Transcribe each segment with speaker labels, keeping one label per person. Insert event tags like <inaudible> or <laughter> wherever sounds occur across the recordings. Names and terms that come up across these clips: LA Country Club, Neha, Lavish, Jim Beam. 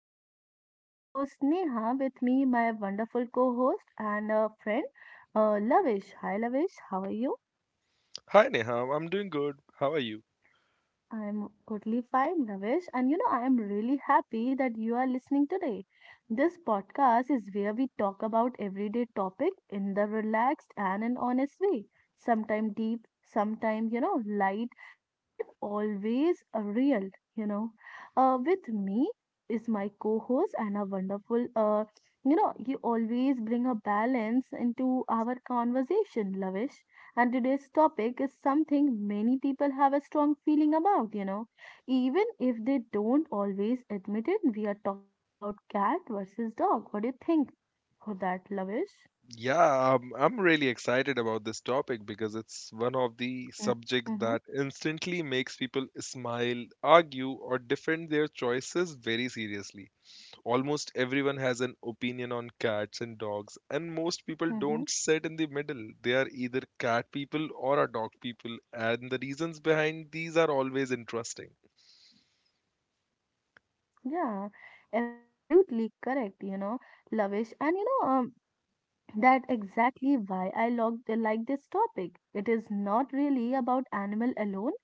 Speaker 1: podcast. This is your host Neha with me, my wonderful co host and a friend, Lavish. Hi Lavish, how are you?
Speaker 2: Hi Neha, I'm doing good. How are you?
Speaker 1: I'm totally fine, Navesh. And you know, I am really happy that you are listening today. This podcast is where we talk about everyday topic in the relaxed and an honest way. Sometimes deep, sometimes, you know, light, but always real, you know. With me is my co-host and a wonderful, you know, you always bring a balance into our conversation, Lavish. And today's topic is something many people have a strong feeling about, you know. Even if they don't always admit it, we are talking about cat versus dog. What do you think for that, Lavish?
Speaker 2: Yeah, I'm really excited about this topic because it's one of the
Speaker 1: Mm,
Speaker 2: subjects
Speaker 1: mm-hmm,
Speaker 2: that instantly makes people smile, argue, or defend their choices very seriously. Almost everyone has an opinion on cats and dogs, and most people
Speaker 1: mm-hmm.
Speaker 2: don't sit in the middle. They are either cat people or are dog people, and the reasons behind these are always interesting.
Speaker 1: Yeah, absolutely correct, you know, Lavish. And you know, that's exactly why I like this topic. It is not really about animal alone.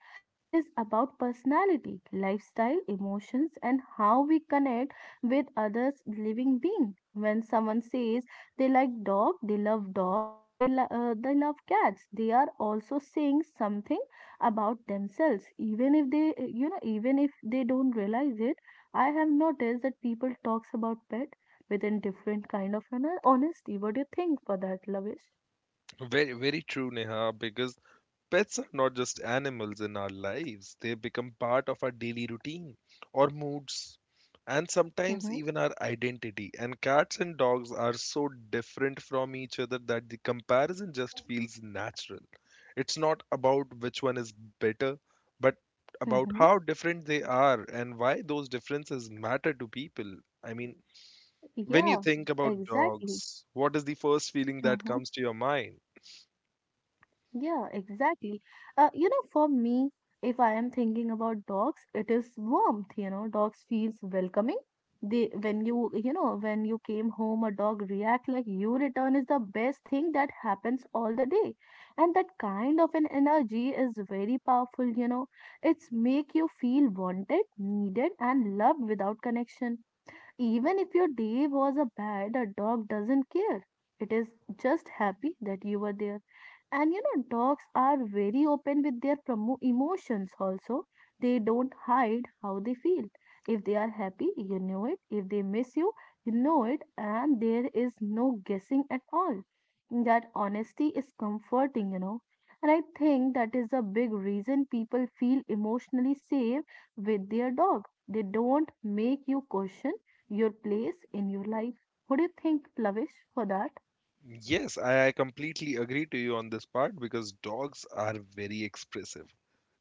Speaker 1: It is about personality, lifestyle, emotions, and how we connect with others living being. When someone says they like dog, they love dog, or they love cats, they are also saying something about themselves. Even if they don't realize it, I have noticed that people talks about pet with a different kind of you know, honesty. What do you think for that, Lavish?
Speaker 2: Very, very true, Neha, because pets are not just animals in our lives, they become part of our daily routine or moods and sometimes
Speaker 1: Mm-hmm.
Speaker 2: even our identity. And cats and dogs are so different from each other that the comparison just feels natural. It's not about which one is better, but about
Speaker 1: Mm-hmm.
Speaker 2: how different they are and why those differences matter to people. I mean, when you
Speaker 1: Yeah,
Speaker 2: think about
Speaker 1: exactly.
Speaker 2: dogs, what is the first feeling that
Speaker 1: Mm-hmm.
Speaker 2: comes to your mind?
Speaker 1: Yeah, exactly. You know, for me, if I am thinking about dogs, it is warmth, you know, dogs feels welcoming. They, when you came home, a dog react like you return is the best thing that happens all the day. And that kind of an energy is very powerful, you know. It's make you feel wanted, needed, and loved without connection. Even if your day was a bad, a dog doesn't care. It is just happy that you were there. And you know, dogs are very open with their emotions also. They don't hide how they feel. If they are happy, you know it. If they miss you, you know it. And there is no guessing at all. That honesty is comforting, you know. And I think that is a big reason people feel emotionally safe with their dog. They don't make you question your place in your life. Who do you think, Lavish, for that?
Speaker 2: Yes, I completely agree to you on this part because dogs are very expressive.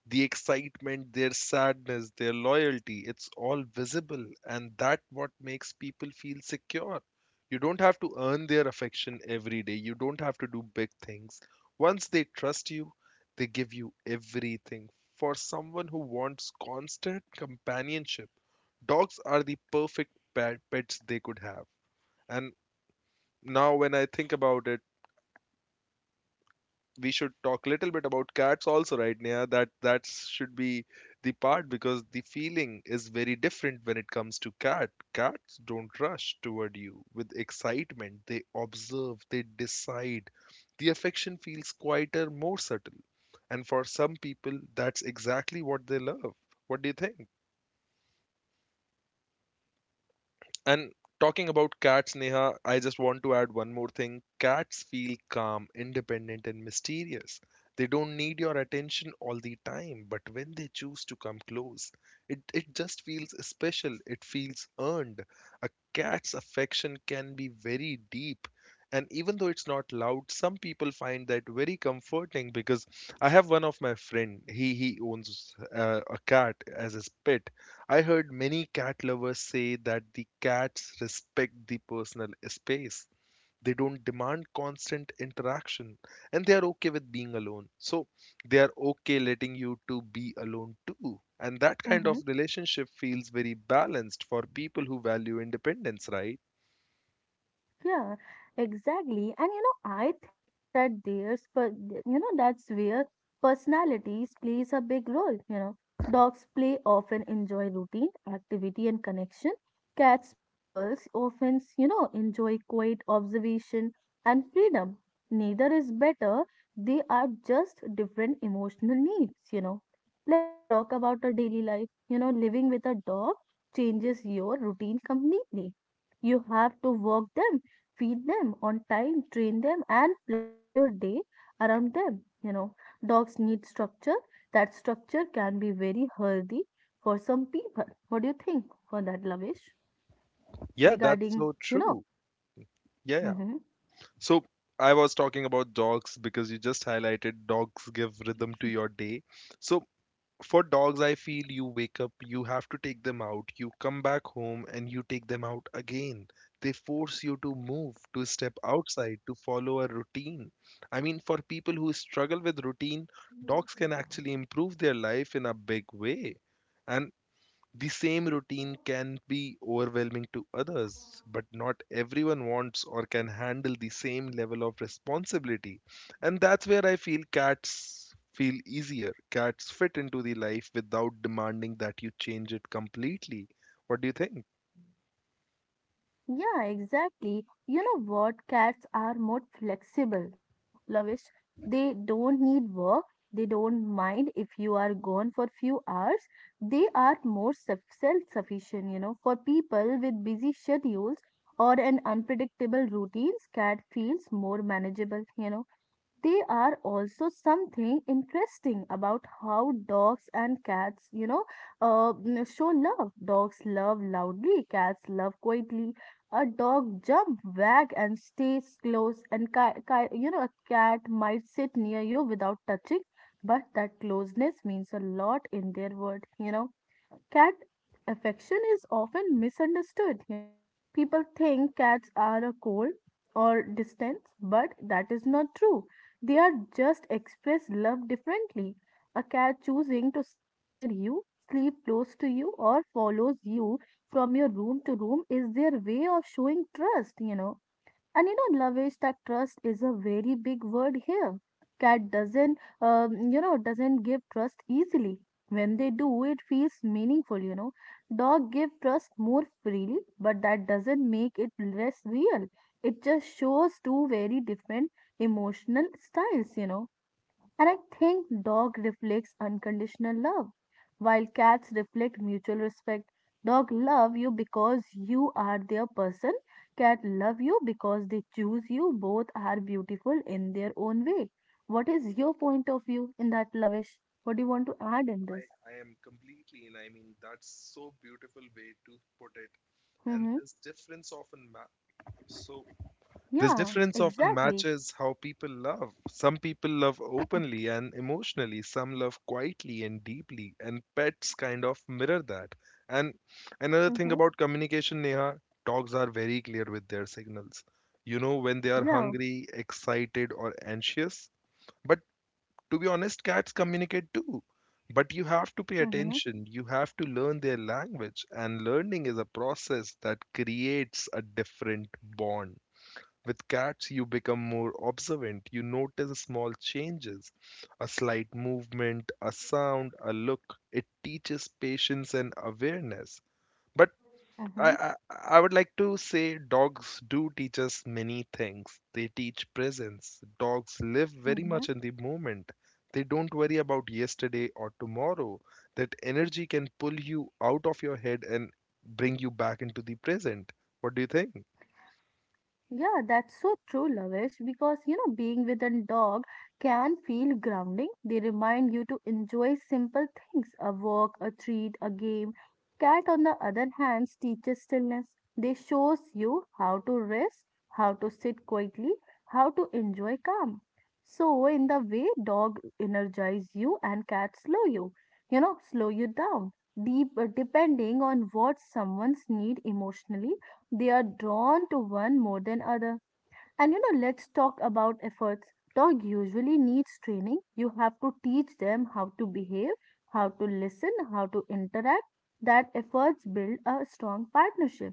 Speaker 2: The excitement, their sadness, their loyalty, it's all visible, and that what makes people feel secure. You don't have to earn their affection every day. You don't have to do big things. Once they trust you, they give you everything. For someone who wants constant companionship, dogs are the perfect pets they could have. And now when I think about it, we should talk a little bit about cats also, right, Neha? That should be the part because the feeling is very different when it comes to cat. Cats don't rush toward you with excitement. They observe, they decide. The affection feels quieter, more subtle. And for some people, that's exactly what they love. What do you think? And talking about cats, Neha, I just want to add one more thing. Cats feel calm, independent, and mysterious. They don't need your attention all the time, but when they choose to come close, it just feels special. It feels earned. A cat's affection can be very deep. And even though it's not loud, some people find that very comforting because I have one of my friend. He owns a cat as his pet. I heard many cat lovers say that the cats respect the personal space. They don't demand constant interaction and they are okay with being alone. So they are okay letting you to be alone too. And that kind of
Speaker 1: Mm-hmm.
Speaker 2: relationship feels very balanced for people who value independence, right?
Speaker 1: Yeah, exactly. And you know, I think that you know, that's where personalities plays a big role. You know, dogs play often enjoy routine, activity, and connection. Cats, peoples often, you know, enjoy quiet observation and freedom. Neither is better. They are just different emotional needs. You know, let's talk about our daily life. You know, living with a dog changes your routine completely. You have to walk them feed them on time, train them, and plan your day around them. You know, dogs need structure. That structure can be very healthy for some people. What do you think for that, Lavish?
Speaker 2: Yeah, that's
Speaker 1: Regarding,
Speaker 2: so
Speaker 1: you know,
Speaker 2: true. Yeah, yeah.
Speaker 1: hmm.
Speaker 2: So I was talking about dogs because you just highlighted dogs give rhythm to your day. So for dogs, I feel you wake up, you have to take them out, you come back home and you take them out again. They force you to move, to step outside, to follow a routine. I mean, for people who struggle with routine, dogs can actually improve their life in a big way. And the same routine can be overwhelming to others, but not everyone wants or can handle the same level of responsibility. And that's where I feel cats feel easier. Cats fit into the life without demanding that you change it completely. What do you think?
Speaker 1: Yeah, exactly. You know what? Cats are more flexible, you know, Lavish. They don't need work. They don't mind if you are gone for few hours. They are more self sufficient, you know. For people with busy schedules or an unpredictable routines, cat feels more manageable, you know. They are also something interesting about how dogs and cats, you know, show love. Dogs love loudly, cats love quietly. A dog jump, wag, and stays close, and ki ki you know, a cat might sit near you without touching, but that closeness means a lot in their world, you know. Cat affection is often misunderstood, you know, people think cats are a cold or distant, but that is not true. They are just express love differently. A cat choosing to sit near you, sleep close to you, or follows you from your room to room is their way of showing trust, you know. And you know, Lavesh, that trust is a very big word here. Cat doesn't, you know, doesn't give trust easily. When they do, it feels meaningful, you know. Dog give trust more freely, but that doesn't make it less real. It just shows two very different emotional styles, you know. And I think dog reflects unconditional love, while cats reflect mutual respect. Dog love you because you are their person. Cat love you because they choose you. Both are beautiful in their own way. What is your point of view in that lavish? What do you want to add in this?
Speaker 2: I, I am completely, and I mean, that's so beautiful way to put it. And
Speaker 1: Mm-hmm.
Speaker 2: this difference often matters, so this
Speaker 1: Yeah,
Speaker 2: difference often
Speaker 1: exactly.
Speaker 2: matches how people love. Some people love openly and emotionally, some love quietly and deeply, and pets kind of mirror that. And another thing
Speaker 1: Mm-hmm.
Speaker 2: about communication, Neha, dogs are very clear with their signals. You know when they are
Speaker 1: Yeah.
Speaker 2: hungry, excited, or anxious. But to be honest, cats communicate too. But you have to pay
Speaker 1: Mm-hmm.
Speaker 2: attention. You have to learn their language, and learning is a process that creates a different bond. With cats, you become more observant. You notice small changes, a slight movement, a sound, a look. It teaches patience and awareness. But I,
Speaker 1: Mm-hmm.
Speaker 2: I, I would like to say dogs do teach us many things. They teach presence. Dogs live very
Speaker 1: Mm-hmm.
Speaker 2: much in the moment. They don't worry about yesterday or tomorrow. That energy can pull you out of your head and bring you back into the present. What do you think?
Speaker 1: Yeah, that's so true, Lavish, because you know, being with a dog can feel grounding. They remind you to enjoy simple things, a walk, a treat, a game. Cat, on the other hand, teaches stillness. They shows you how to rest, how to sit quietly, how to enjoy calm. So, in the way, dog energize you and cat slow you, you know, slow you down, deep, depending on what someone's need emotionally they are drawn to one more than other. And you know, let's talk about efforts. Dog usually needs training. You have to teach them how to behave, how to listen, how to interact. That efforts build a strong partnership.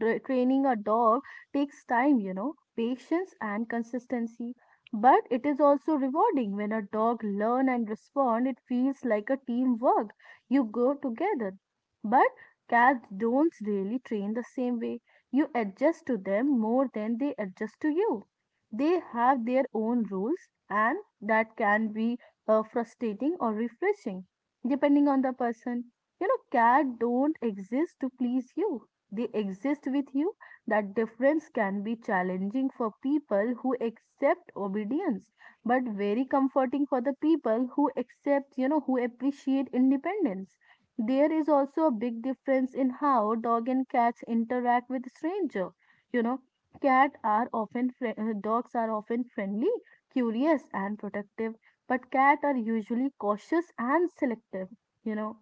Speaker 1: Training a dog takes time, you know, patience and consistency. But it is also rewarding when a dog learn and respond. It feels like a teamwork. You go together. But cats don't really train the same way. You adjust to them more than they adjust to you. They have their own rules, and that can be frustrating or refreshing, depending on the person. You know, cats don't exist to please you, they exist with you, that difference can be challenging for people who accept obedience, but very comforting for the people who accept, you know, who appreciate independence. There is also a big difference in how dog and cats interact with stranger. You know, cat are often fri- dogs are often friendly, curious, and protective, but cat are usually cautious and selective. You know,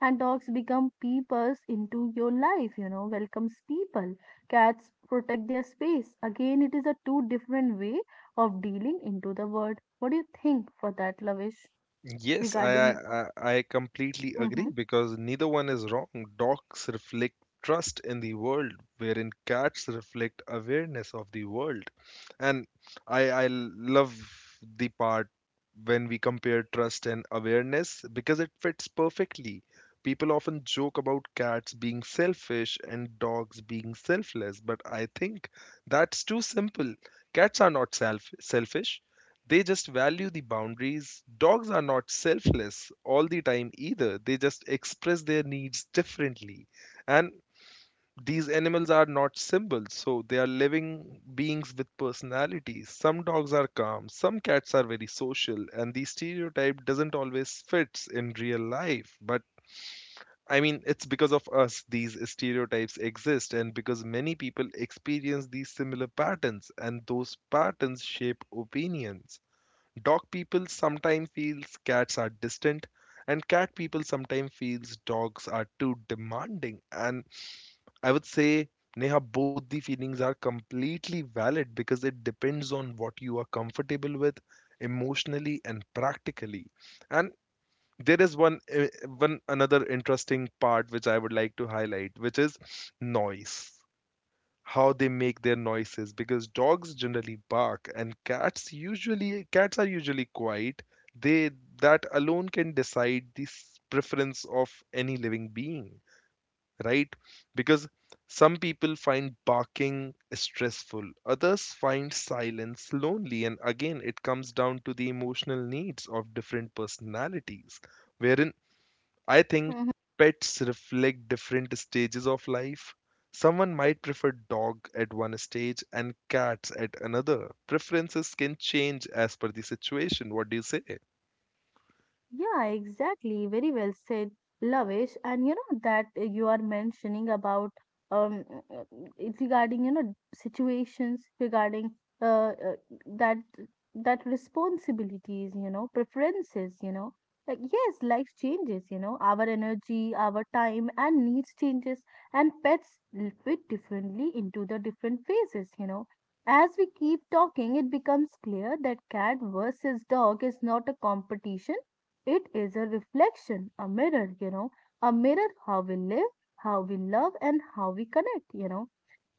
Speaker 1: and dogs become peepers into your life, you know, welcomes people. Cats protect their space, again it is a two different way of dealing into the world. What do you think for that, Lavish?
Speaker 2: Yes, I,
Speaker 1: Regarding,
Speaker 2: I I I completely
Speaker 1: mm-hmm,
Speaker 2: agree because neither one is wrong. Dogs reflect trust in the world, wherein cats reflect awareness of the world. And I love the part when we compare trust and awareness because it fits perfectly. People often joke about cats being selfish and dogs being selfless, but I think that's too simple. Cats are not selfish, they just value the boundaries. Dogs are not selfless all the time either. They just express their needs differently. And these animals are not symbols, so they are living beings with personalities. Some dogs are calm, some cats are very social, and the stereotype doesn't always fits in real life. But I mean, it's because of us these stereotypes exist, and because many people experience these similar patterns, and those patterns shape opinions. Dog people sometimes feels cats are distant and cat people sometimes feels dogs are too demanding. And I would say, Neha, both the feelings are completely valid because it depends on what you are comfortable with emotionally and practically. And there is one another interesting part which I would like to highlight, which is noise, how they make their noises, because dogs generally bark and cats are usually quiet. They, that alone can decide the preference of any living being, right? Because some people find barking stressful, others find silence lonely, and again it comes down to the emotional needs of different personalities. Wherein I think
Speaker 1: mm-hmm?
Speaker 2: pets reflect different stages of life. Someone might prefer dog at one stage and cats at another. Preferences can change as per the situation. What do you say?
Speaker 1: Yeah, exactly. Very well said, Lavish. And you know that you are mentioning about um uh, it's regarding you know situations regarding uh, uh that that responsibilities, you know, preferences, you know. Like yes, life changes, you know, our energy, our time and needs changes and pets fit differently into the different phases, you know. As we keep talking, it becomes clear that cat versus dog is not a competition, it is a reflection, a mirror, you know, a mirror how we live, how we love, and how we connect, you know.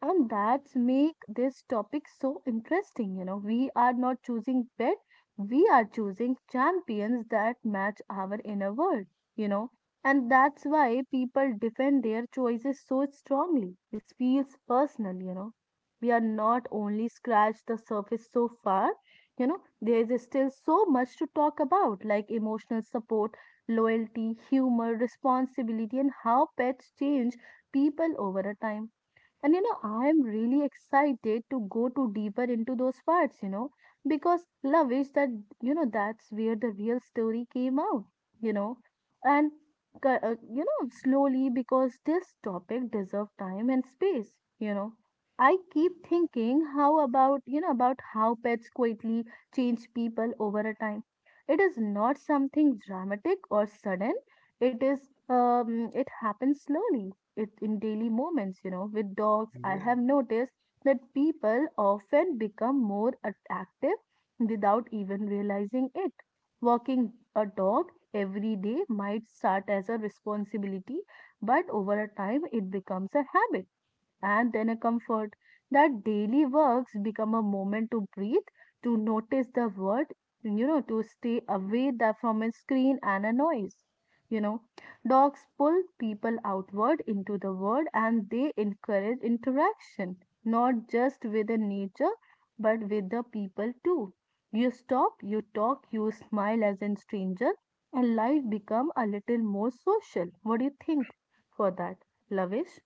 Speaker 1: And that's make this topic so interesting. You know, we are not choosing bed, we are choosing champions that match our inner world, you know. And that's why people defend their choices so strongly. It feels personal, you know. We are not only scratched the surface so far, you know, there is still so much to talk about, like emotional support, loyalty, humor, responsibility, and how pets change people over a time. And you know, I'm really excited to go to deeper into those parts, you know, because love is that, you know, that's where the real story came out, you know, and, you know, slowly because this topic deserves time and space, you know. I keep thinking how about, you know, about how pets quietly change people over a time. It is not something dramatic or sudden. It happens slowly it in daily moments, you know. With dogs, I
Speaker 2: Yeah.
Speaker 1: have noticed that people often become more active without even realizing it. Walking a dog every day might start as a responsibility, but over a time it becomes a habit and then a comfort, that daily works become a moment to breathe, to notice the world, you know, to stay away that from a screen and a noise. You know, dogs pull people outward into the world and they encourage interaction, not just with the nature, but with the people too. You stop, you talk, you smile as a stranger, and life become a little more social. What do you think for that, Lavish?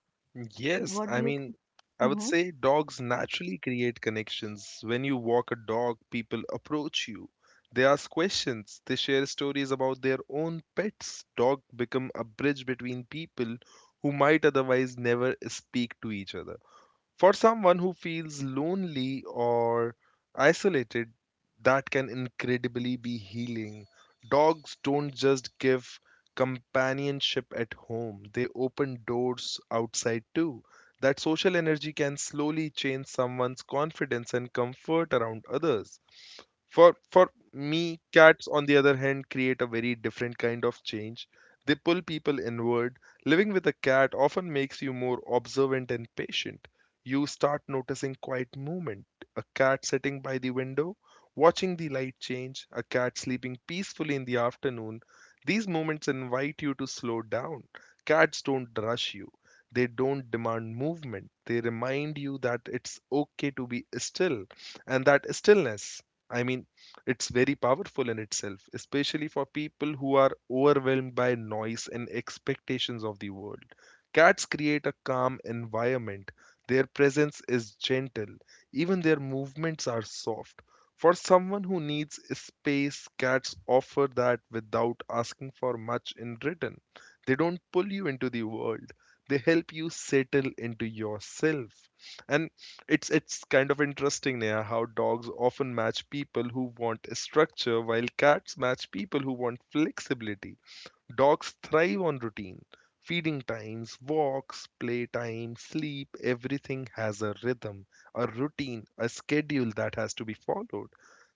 Speaker 2: Yes,
Speaker 1: What
Speaker 2: I
Speaker 1: do you
Speaker 2: mean,
Speaker 1: think?
Speaker 2: I would
Speaker 1: Mm-hmm.
Speaker 2: say dogs naturally create connections. When you walk a dog, people approach you. They ask questions. They share stories about their own pets. Dogs become a bridge between people who might otherwise never speak to each other. For someone who feels lonely or isolated, that can incredibly be healing. Dogs don't just give companionship at home, they open doors outside too. That social energy can slowly change someone's confidence and comfort around others. For me, cats on the other hand create a very different kind of change. They pull people inward. Living with a cat often makes you more observant and patient. You start noticing quiet movement. A cat sitting by the window, watching the light change, a cat sleeping peacefully in the afternoon. These moments invite you to slow down. Cats don't rush you. They don't demand movement. They remind you that it's okay to be still, and that stillness, I mean, it's very powerful in itself, especially for people who are overwhelmed by noise and expectations of the world. Cats create a calm environment. Their presence is gentle. Even their movements are soft. For someone who needs space, cats offer that without asking for much in return. They don't pull you into the world. They help you settle into yourself. And it's kind of interesting, Neha, how dogs often match people who want structure, while cats match people who want flexibility. Dogs thrive on routine. Feeding times, walks, playtime, sleep, everything has a rhythm, a routine, a schedule that has to be followed.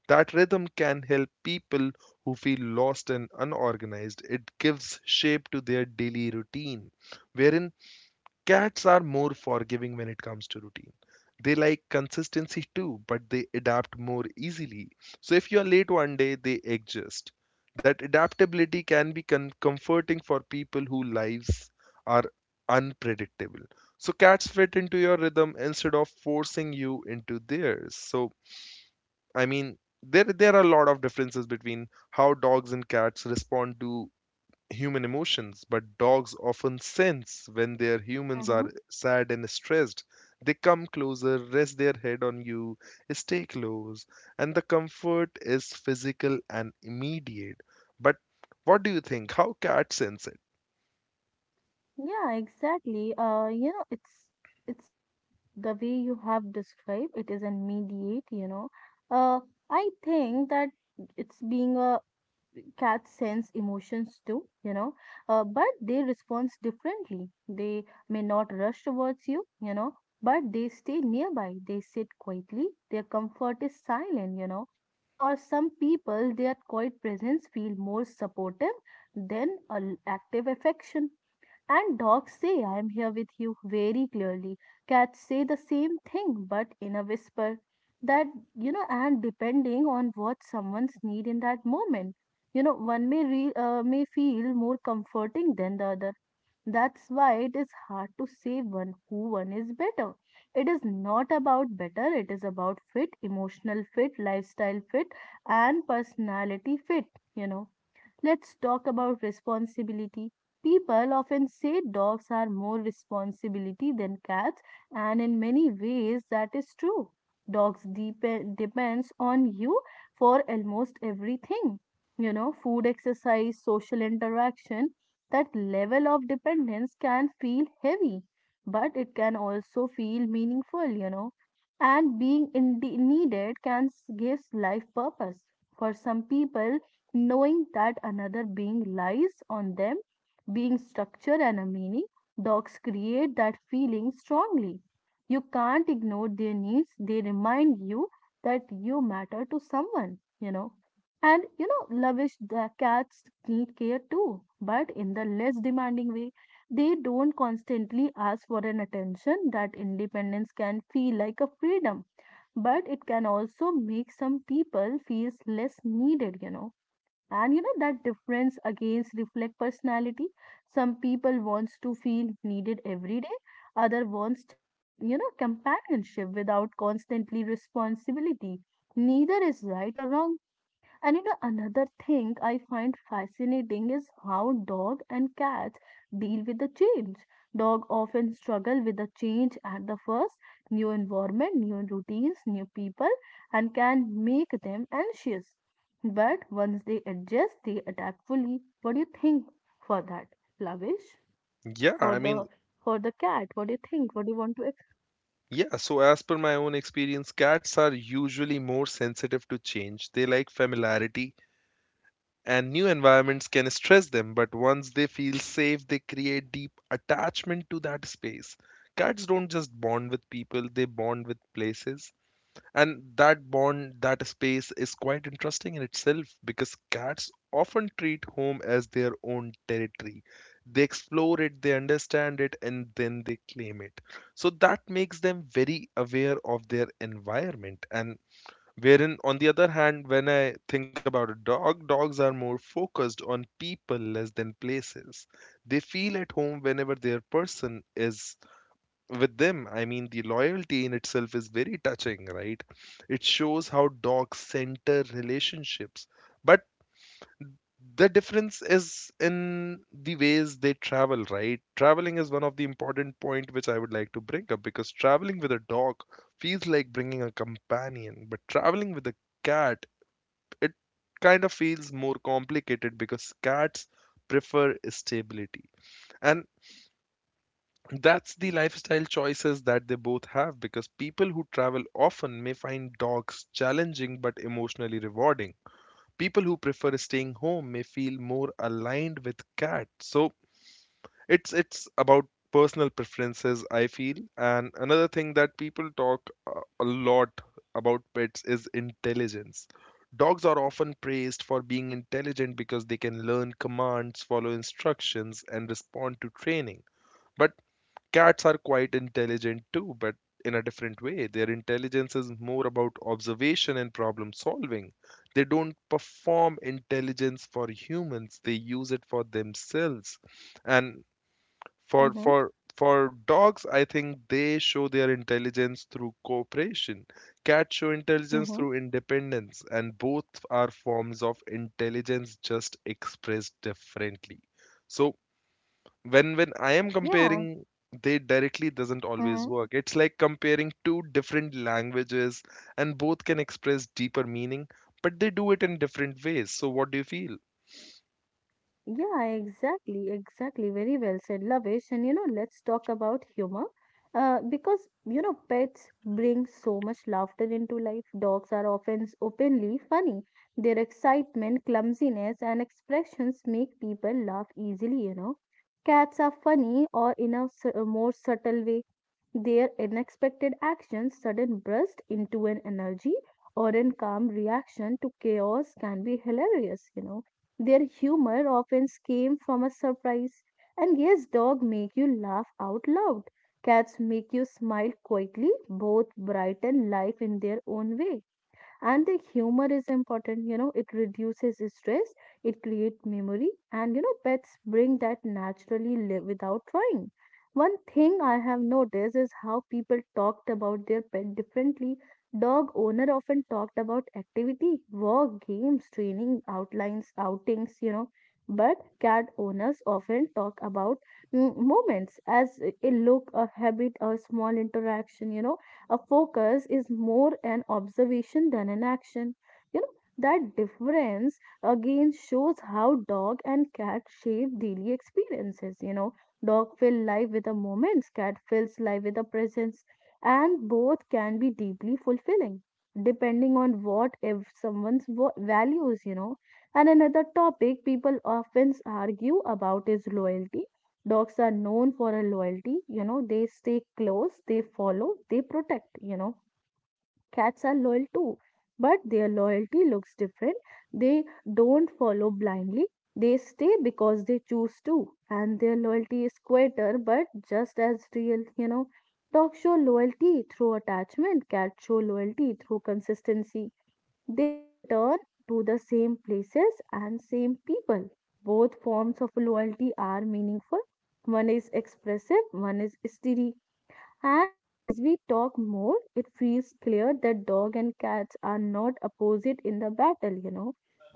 Speaker 2: That rhythm can help people who feel lost and unorganized. It gives shape to their daily routine, wherein cats are more forgiving when it comes to routine. They like consistency too, but they adapt more easily. So if you're late one day, they adjust. That adaptability can be comforting for people whose lives are unpredictable. So cats fit into your rhythm instead of forcing you into theirs. So I mean, there are a lot of differences between how dogs and cats respond to human emotions, but dogs often sense when their humans
Speaker 1: Mm-hmm.
Speaker 2: are sad and stressed. They come closer, rest their head on you, stay close, and the comfort is physical and immediate. But what do you think? How cats sense it?
Speaker 1: Yeah, exactly. You know, it's a the way you have described it is an mediate, you know. Uh, I think that it's being a cats sense emotions too, you know, but they respond differently. They may not rush towards you, you know, but they stay nearby. They sit quietly. Their comfort is silent, you know. For some people, their quiet presence feel more supportive than active affection. And dogs say, I am here with you very clearly. Cats say the same thing, but in a whisper. That, and depending on what someone's need in that moment, one may, may feel more comforting than the other. That's why it is hard to say one is better. It is not about better, it is about fit, emotional fit, lifestyle fit, and personality fit, you know. Let's talk about responsibility. People often say dogs are more responsibility than cats, and in many ways that is true. Dogs depends on you for almost everything. Food, exercise, social interaction. That level of dependence can feel heavy, but it can also feel meaningful. And being needed can gives life purpose. For some people, knowing that another being lies on them, being structure and a meaning, dogs create that feeling strongly. You can't ignore their needs, they remind you that you matter to someone. And Lavish, the cats need care too, but in the less demanding way. They don't constantly ask for an attention that independence can feel like a freedom, but it can also make some people feel less needed. And that difference against reflect personality. Some people wants to feel needed every day, other wants companionship without constantly responsibility. Neither is right or wrong. And another thing I find fascinating is how dog and cats deal with the change. Dog often struggle with the change at the first, new environment, new routines, new people, and can make them anxious. But once they adjust, they adapt fully. What do you think for that, Lavish?
Speaker 2: Yeah,
Speaker 1: For
Speaker 2: I
Speaker 1: the
Speaker 2: mean,
Speaker 1: for the cat, what do you think? What do you want to?
Speaker 2: yeah, so as per my own experience, cats are usually more sensitive to change. They like familiarity and new environments can stress them, but once they feel safe, they create deep attachment to that space. Cats don't just bond with people, they bond with places. And that bond, that space is quite interesting in itself because cats often treat home as their own territory. They explore it, they understand it, and then they claim it. So that makes them very aware of their environment. And wherein, on the other hand, when I think about a dog, dogs are more focused on people less than places. They feel at home whenever their person is with them. I mean, the loyalty in itself is very touching, right? It shows how dogs center relationships. But the difference is in the ways they travel, right? Traveling is one of the important point which I would like to bring up because traveling with a dog feels like bringing a companion, but traveling with a cat, it kind of feels more complicated because cats prefer stability. And that's the lifestyle choices that they both have because people who travel often may find dogs challenging but emotionally rewarding. People who prefer staying home may feel more aligned with cats. So it's about personal preferences, I feel. And another thing that people talk a lot about pets is intelligence. Dogs are often praised for being intelligent because they can learn commands, follow instructions, and respond to training. But cats are quite intelligent too, but in a different way. Their intelligence is more about observation and problem solving. They don't perform intelligence for humans, they use it for themselves. And for
Speaker 1: Mm-hmm,
Speaker 2: for for dogs, I think they show their intelligence through cooperation. Cats show intelligence
Speaker 1: mm-hmm.
Speaker 2: through independence, and both are forms of intelligence just expressed differently. So when I am
Speaker 1: Yeah.
Speaker 2: comparing, they directly doesn't
Speaker 1: Mm-hmm.
Speaker 2: always work. It's like comparing two different languages, and both can express deeper meaning, but they do it in different ways. So what do you feel?
Speaker 1: Yeah, exactly, exactly. Very well said, Lavish. And let's talk about humor. Because pets bring so much laughter into life. Dogs are often openly funny. Their excitement, clumsiness, and expressions make people laugh easily. Cats are funny or in a more subtle way. Their unexpected actions, sudden burst into an energy or an calm reaction to chaos can be hilarious. Their humor often came from a surprise. And yes, dogs make you laugh out loud. Cats make you smile quietly, both bright and life in their own way, and the humor is important, it reduces stress, it creates memory. And pets bring that naturally without trying. One thing I have noticed is how people talked about their pet differently. Dog owner often talked about activity, work, games, training, outlines, outings. But cat owners often talk about moments, as a look, a habit, a small interaction. A focus is more an observation than an action. That difference again shows how dog and cat shape daily experiences. Dog fill life with a moments, cat fills life with a presence, and both can be deeply fulfilling depending on what if someone's values. And another topic people often argue about is loyalty. Dogs are known for a loyalty, they stay close, they follow, they protect. Cats are loyal too, but their loyalty looks different. They don't follow blindly, they stay because they choose to, and their loyalty is quieter but just as real. Dogs show loyalty through attachment, cats show loyalty through consistency. They return to the same places and same people. Both forms of loyalty are meaningful. One is expressive, one is steady. And as we talk more, it feels clear that dog and cats are not opposite in the battle.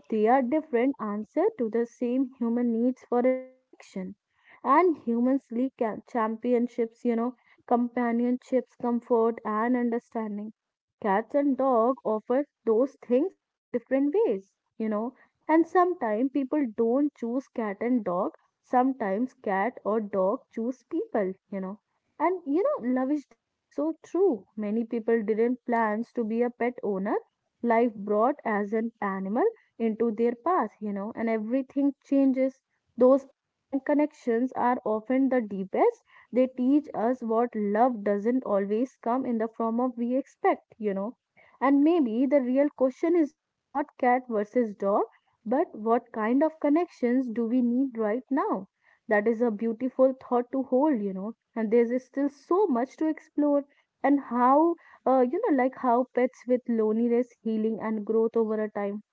Speaker 1: They are different answer to the same human needs for in connection. And humans seek championships, companionships, comfort and understanding. Cats and dog offer those things in a different ways. And sometimes people don't choose cat and dog. Sometimes cat or dog choose people. And Lavish, that is so true. Many people didn't plans to be a pet owner. Life brought as an animal into their path, and everything changes. Those unplanned connections are often the deepest. They teach us what love doesn't always come in the form of we expect. And maybe the real question is not cat versus dog, but what kind of connections do we need right now? That is a beautiful thought to hold, and there's still so much to explore, and how like how pets with loneliness healing and growth over a time.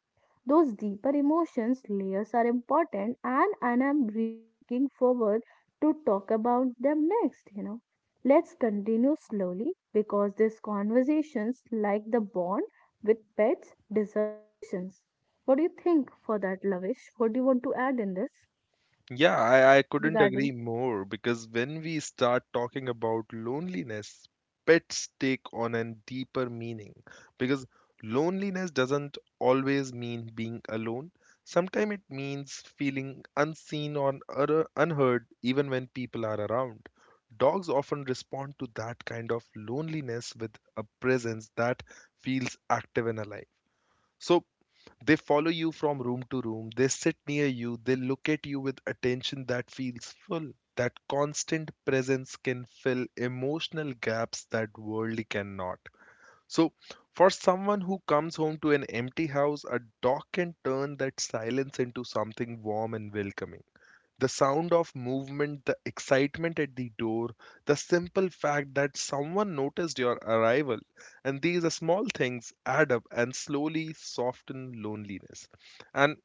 Speaker 1: Those deeper emotions layers are important, and I'm really looking forward to talk about them next. Let's continue slowly because these conversations like the bond with pets deserve patience. What do you think for that, Lavish? What do you want to add in this?
Speaker 2: Yeah, I couldn't
Speaker 1: Regarding.
Speaker 2: agree more because when we start talking about loneliness, pets take on a deeper meaning. Because loneliness doesn't always mean being alone, sometimes it means feeling unseen or unheard even when people are around. Dogs often respond to that kind of loneliness with a presence that feels active and alive. So, they follow you from room to room, they sit near you, they look at you with attention that feels full. That constant presence can fill emotional gaps that worldly cannot. So, for someone who comes home to an empty house, a dog can turn that silence into something warm and welcoming. The sound of movement, the excitement at the door, the simple fact that someone noticed your arrival, and these small things add up and slowly soften loneliness. And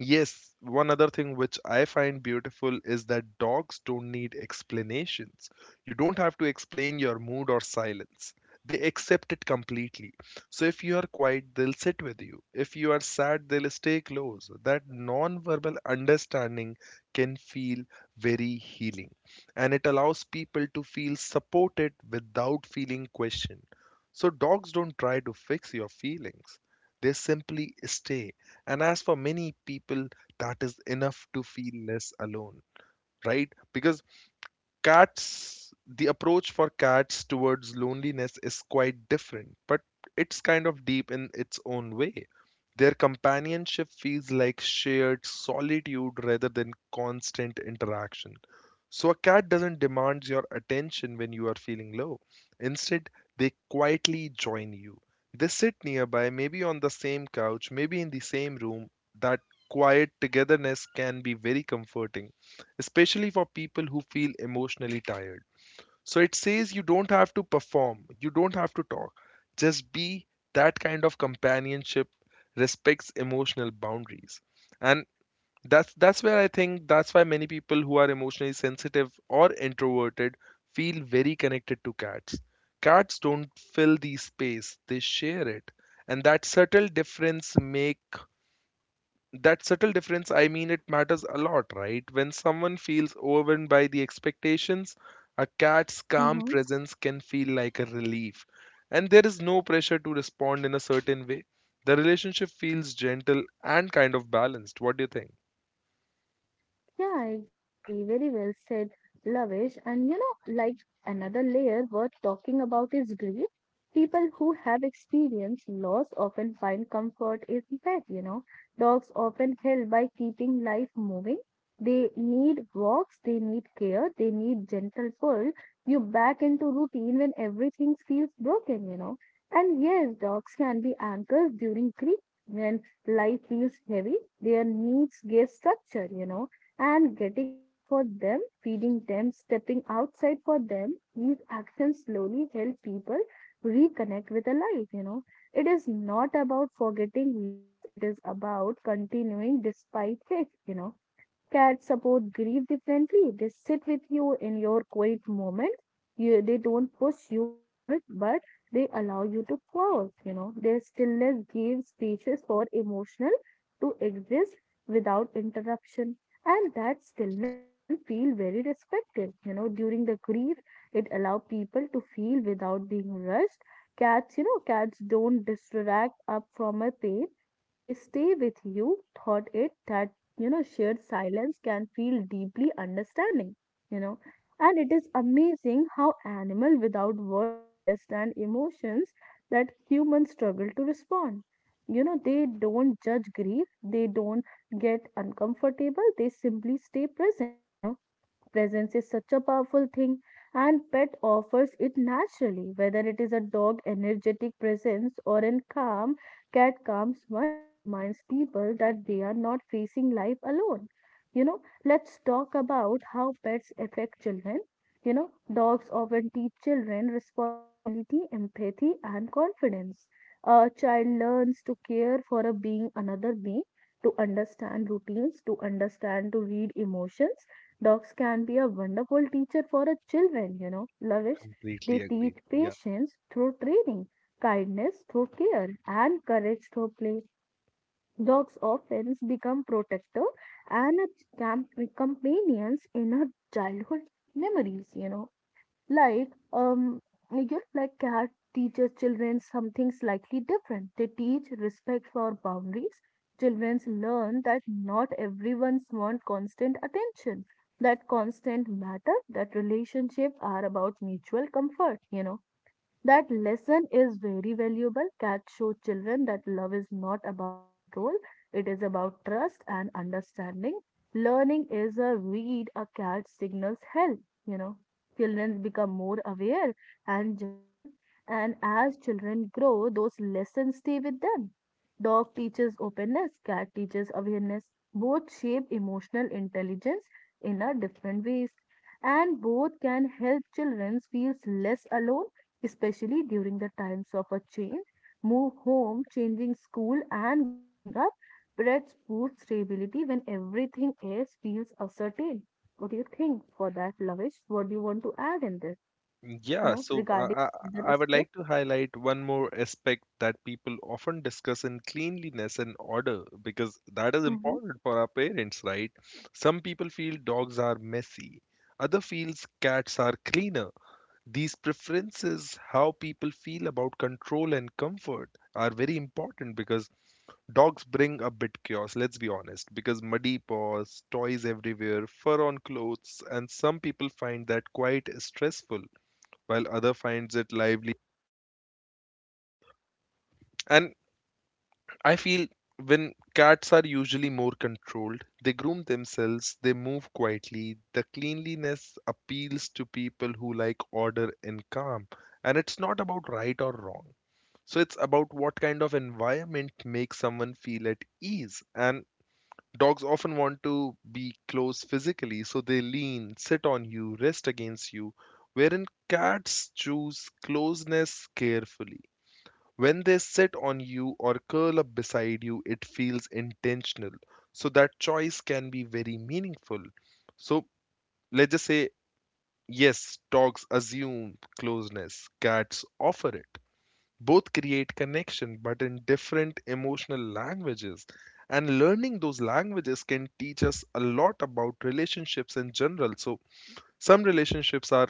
Speaker 2: yes, one other thing which I find beautiful is that dogs don't need explanations. You don't have to explain your mood or silence. They accept it completely. So if you are quiet, they'll sit with you. If you are sad, they'll stay close. That non-verbal understanding can feel very healing, and it allows people to feel supported without feeling questioned. So dogs don't try to fix your feelings. They simply stay, and as for many people, that is enough to feel less alone, right? Because cats, the approach for cats towards loneliness is quite different, but it's kind of deep in its own way. Their companionship feels like shared solitude rather than constant interaction. So a cat doesn't demand your attention when you are feeling low. Instead, they quietly join you. They sit nearby, maybe on the same couch, maybe in the same room. That quiet togetherness can be very comforting, especially for people who feel emotionally tired. So it says you don't have to perform, you don't have to talk. Just be. That kind of companionship respects emotional boundaries. And that's where I think, that's why many people who are emotionally sensitive or introverted feel very connected to cats. Cats don't fill the space, they share it. And that subtle difference make, that subtle difference I mean, it matters a lot, right? When someone feels overwhelmed by the expectations, a cat's calm
Speaker 1: Mm-hmm.
Speaker 2: presence can feel like a relief, and there is no pressure to respond in a certain way. The relationship feels gentle and kind of balanced. What do you think?
Speaker 1: Yeah, exactly. Very well said, Lavish. And like another layer worth talking about is grief. People who have experienced loss often find comfort in pet. Dogs often help by keeping life moving. They need walks, they need care, they need gentle pull. You back into routine when everything feels broken. And yes, dogs can be anchors during grief. When life feels heavy, their needs give structure, and getting up for them, feeding them, stepping outside for them, these actions slowly help people reconnect with the life. It is not about forgetting loss, it is about continuing despite it. Cats support grief differently. They sit with you in your quiet moment. They don't push you forward, but they allow you to pause. Their stillness gives spaces for emotional to exist without interruption. And that stillness can feel very respected. During the grief, it allows people to feel without being rushed. Cats don't distract up from a pain. They stay with you, thought it that shared silence can feel deeply understanding you know and it is amazing how animal without world understand emotions that humans struggle to respond. They don't judge grief, they don't get uncomfortable, they simply stay present. Presence is such a powerful thing, and pet offers it naturally. Whether it is a dog energetic presence or a calm cat calms one, it reminds people that they are not facing life alone. You know, let's talk about how pets affect children. Dogs often teach children responsibility, empathy, and confidence. A child learns to care for a being, another being, to understand routines, to understand, to read emotions. Dogs can be a wonderful teacher for our children, Lavish. They
Speaker 2: Completely agreed.
Speaker 1: teach
Speaker 2: Yeah.
Speaker 1: patience through training, kindness through care, and courage through play. Dogs often become protector and a companions in our childhood memories. Like, like cat teaches children something slightly different. They teach respect for boundaries. Children learn that not everyone's want constant attention, that constant matter, that relationship are about mutual comfort. That lesson is very valuable. Cats show children that love is not about control, it is about trust and understanding. Learning is a read a cat signals help, you know. Children become more aware and gentle, and as children grow, those lessons stay with them. Dog teaches openness, cat teaches awareness. Both shape emotional intelligence in a different ways, and both can help children feel less alone, especially during the times of a change, move home, changing school, and growing up. Breads prove stability when everything else feels uncertain. What do you think for that, Lavish? What do you want to add in this? You
Speaker 2: Yeah,
Speaker 1: know,
Speaker 2: so
Speaker 1: regarding the
Speaker 2: I would
Speaker 1: aspect?
Speaker 2: like to highlight one more aspect that people often discuss in cleanliness and order, because that is
Speaker 1: Mm-hmm,
Speaker 2: important for our parents, right? Some people feel dogs are messy, other feels cats are cleaner. These preferences, how people feel about control and comfort, are very important because dogs bring a bit chaos, let's be honest, because muddy paws, toys everywhere, fur on clothes, and some people find that quite stressful while other finds it lively. And I feel when cats are usually more controlled, they groom themselves, they move quietly. The cleanliness appeals to people who like order and calm. And it's not about right or wrong. So it's about what kind of environment makes someone feel at ease. And dogs often want to be close physically, so they lean, sit on you, rest against you, wherein cats choose closeness carefully. When they sit on you or curl up beside you, it feels intentional. So that choice can be very meaningful. So let's just say, yes, dogs assume closeness, cats offer it. Both create connection, but in different emotional languages. And learning those languages can teach us a lot about relationships in general. So some relationships are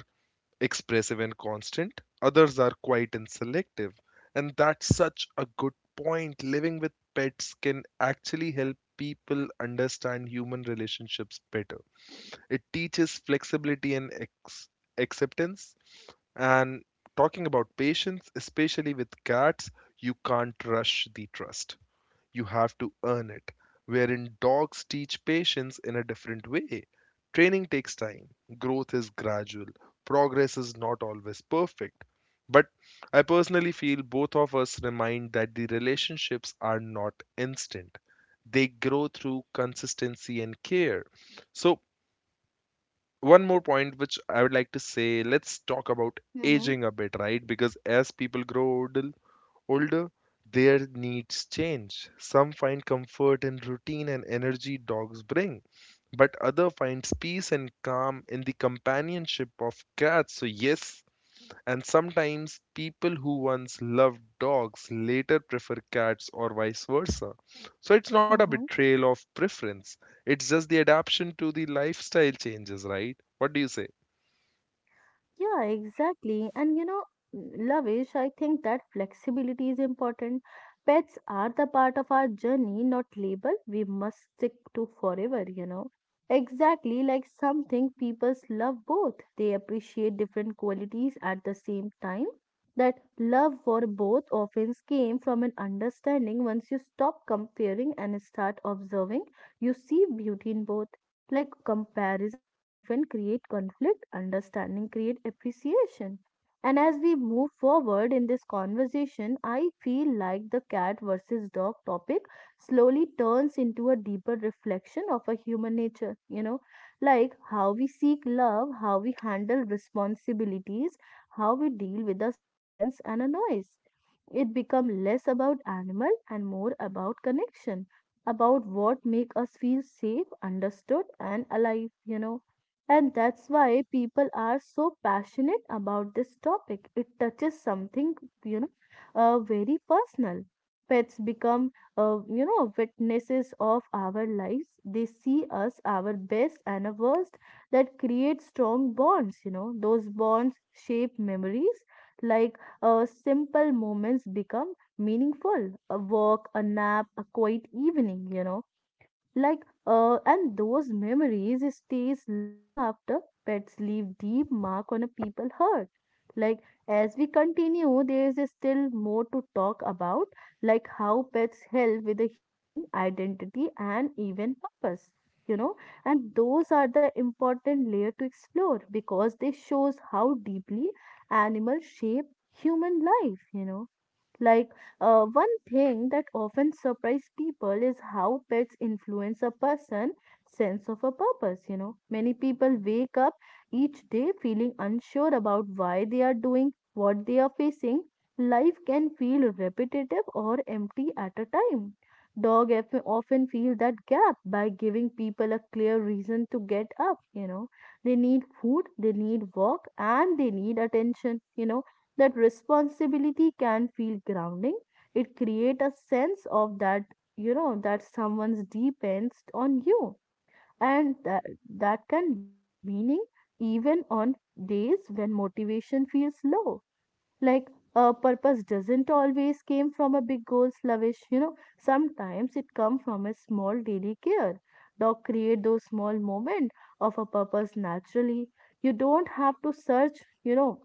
Speaker 2: expressive and constant, others are quiet and selective. And that's such a good point. Living with pets can actually help people understand human relationships better. It teaches flexibility and acceptance. And talking about patience, especially with cats, you can't rush the trust, you have to earn it. Wherein dogs teach patience in a different way. Training takes time, growth is gradual, progress is not always perfect. But I personally feel both of us remind that the relationships are not instant, they grow through consistency and care. So, one more point which I would like to say, let's talk about
Speaker 1: mm-hmm,
Speaker 2: aging a bit, right? Because as people grow older, older, their needs change. Some find comfort in routine and energy dogs bring, but other finds peace and calm in the companionship of cats. So yes, and sometimes people who once loved dogs later prefer cats or vice versa. So it's not a
Speaker 1: Mm-hmm.
Speaker 2: betrayal of preference. It's just the adaptation to the lifestyle changes, right? What do you say?
Speaker 1: Yeah, exactly. And Lavish, I think that flexibility is important. Pets are the part of our journey, not label we must stick to forever. Exactly like something people's love both. They appreciate different qualities at the same time. That love for both often came from an understanding once you stop comparing and start observing, you see beauty in both. Like comparisons often create conflict, understanding create appreciation. And as we move forward in this conversation, I feel like the cat versus dog topic slowly turns into a deeper reflection of a human nature, like how we seek love, how we handle responsibilities, how we deal with the silence and a noise. It becomes less about animal and more about connection about what make us feel safe, understood and alive. And that's why people are so passionate about this topic. It touches something, you know, very personal. Pets become, witnesses of our lives. They see us, our best and our worst, that create strong bonds. Those bonds shape memories, simple moments become meaningful, a walk, a nap, a quiet evening, you know. And those memories stays long after pets leave deep mark on a people heart. Like, as we continue, there is still more to talk about, like how pets help with the healing, identity, and even purpose, you know. And those are the important layer to explore because they shows how deeply animals shape human life, you know. like One thing that often surprises people is how pets influence a person's sense of a purpose. You know, many people wake up each day feeling unsure about why they are doing what they are facing. Life can feel repetitive or empty at a time. Often feel that gap by giving people a clear reason to get up. You know, they need food, they need walk, and they need attention. You know that responsibility can feel grounding. It create a sense of that, you know, that someone's depends on you, and that can bring meaning even on days when motivation feels low. Like, a purpose doesn't always came from a big goal, slavish, you know. Sometimes it come from a small daily care. Dog create those small moment of a purpose naturally. You don't have to search, you know,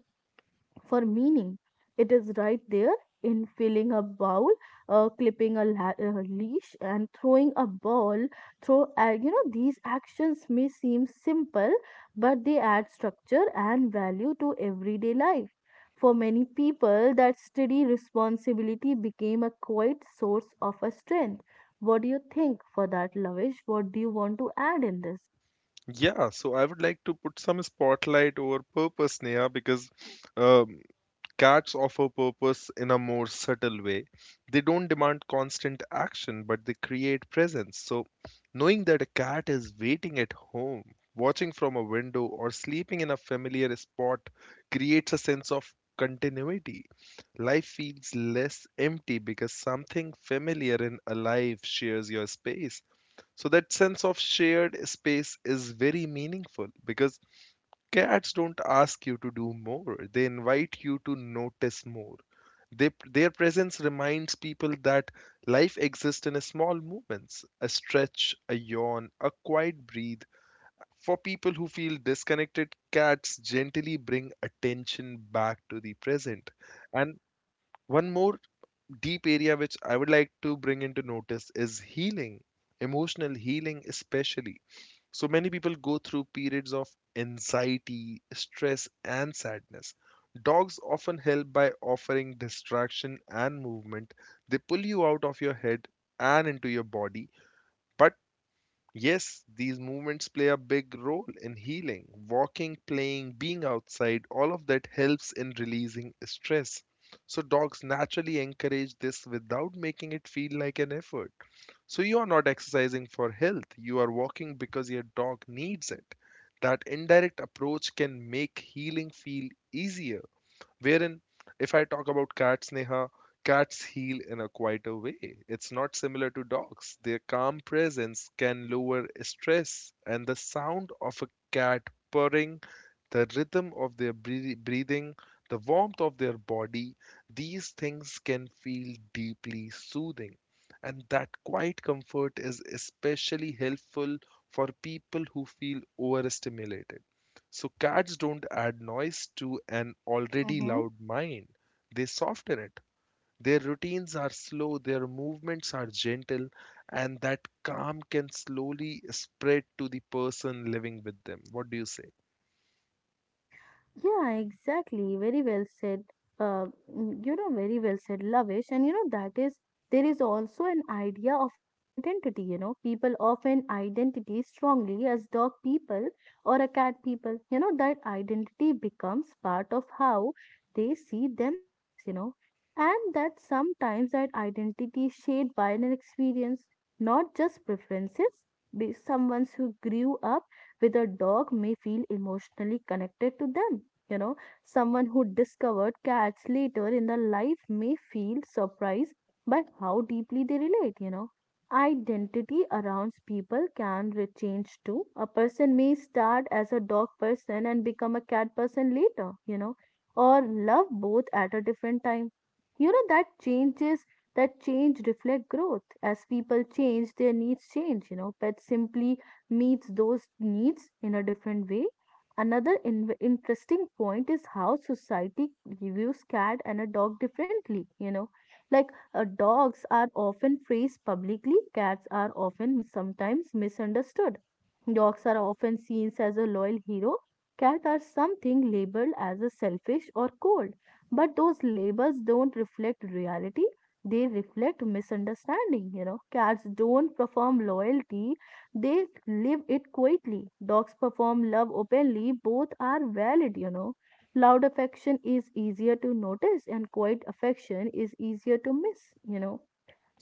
Speaker 1: for meaning. It is right there in filling a bowl, clipping a leash, and throwing a ball. Throw, these actions may seem simple, but they add structure and value to everyday life. For many people, that steady responsibility became a quiet source of a strength. What do you think for that, Lavish? What do you want to add in this?
Speaker 2: Yeah, so I would like to put some spotlight over purpose, Neha, because um, cats offer purpose in a more subtle way. They don't demand constant action, but they create presence. So, knowing that a cat is waiting at home, watching from a window, or sleeping in a familiar spot creates a sense of continuity. Life feels less empty because something familiar and alive shares your space. So, that sense of shared space is very meaningful because cats don't ask you to do more, they invite you to notice more. They, their presence reminds people that life exists in small movements, a stretch, a yawn, a quiet breathe. For people who feel disconnected, cats gently bring attention back to the present. And one more deep area which I would like to bring into notice is healing, emotional healing, especially. So many people go through periods of anxiety, stress, and sadness. Dogs often help by offering distraction and movement. They pull you out of your head and into your body, but yes, these movements play a big role in healing. Walking, playing, being outside, all of that helps in releasing stress. So, dogs naturally encourage this without making it feel like an effort. So, you are not exercising for health, you are walking because your dog needs it. That indirect approach can make healing feel easier. Wherein, if I talk about cats, Neha, cats heal in a quieter way. It's not similar to dogs. Their calm presence can lower stress, and the sound of a cat purring, the rhythm of their breathing, the warmth of their body, these things can feel deeply soothing. And that quiet comfort is especially helpful for people who feel overstimulated, so cats don't add noise to an already
Speaker 1: Mm-hmm.
Speaker 2: loud mind, they soften it. Their routines are slow, their movements are gentle, and that calm can slowly spread to the person living with them. What do you say?
Speaker 1: Yeah, exactly. Very well said. Uh, you know, very well said, Lavish. And you know, there is also an idea of an identity. You know, people often identity strongly as dog people or a cat people. You know, that identity becomes part of how they see themselves, you know, and that sometimes that identity is shaped by an experience, not just preferences. Be someone who grew up with a dog may feel emotionally connected to them, you know. Someone who discovered cats later in their life may feel surprised by how deeply they relate, you know. Identity around people can change too. A person may start as a dog person and become a cat person later, you know, or love both at a different time. You know, that changes that change reflect growth. As people change, their needs change, you know. Pet simply meets those needs in a different way. Another interesting point is how society views cat and a dog differently. You know, like, dogs are often praised publicly, cats are often sometimes misunderstood. Dogs are often seen as a loyal hero. Cats are something labeled as a selfish or cold, but those labels don't reflect reality. They reflect misunderstanding. You know, cats don't perform loyalty; they live it quietly. Dogs perform love openly. Both are valid. You know, loud affection is easier to notice, and quiet affection is easier to miss. You know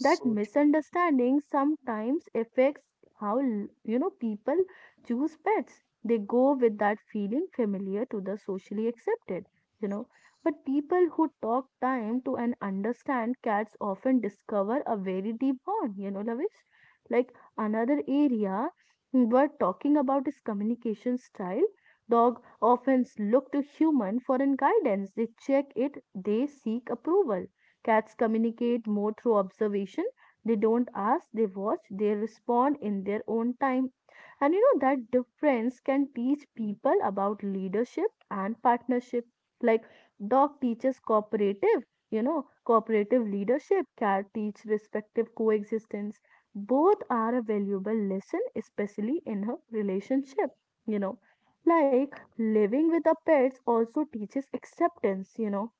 Speaker 1: that
Speaker 2: true.
Speaker 1: misunderstanding sometimes affects how l- you know, people choose pets. They go with that feeling familiar to the socially accepted, you know. But people who talk time to and understand cats often discover a very deep bond, you know, Lavish. Like, another area we're talking about is communication style. Dog often look to human for an guidance. They check it, they seek approval. Cats communicate more through observation. They don't ask, they watch, they respond in their own time. And you know that difference can teach people about leadership and partnership. Like, dog teaches cooperative, you know, cooperative leadership, cat teach respective coexistence. Both are a valuable lesson, especially in a relationship, you know. Like, living with the pets also teaches acceptance, you know.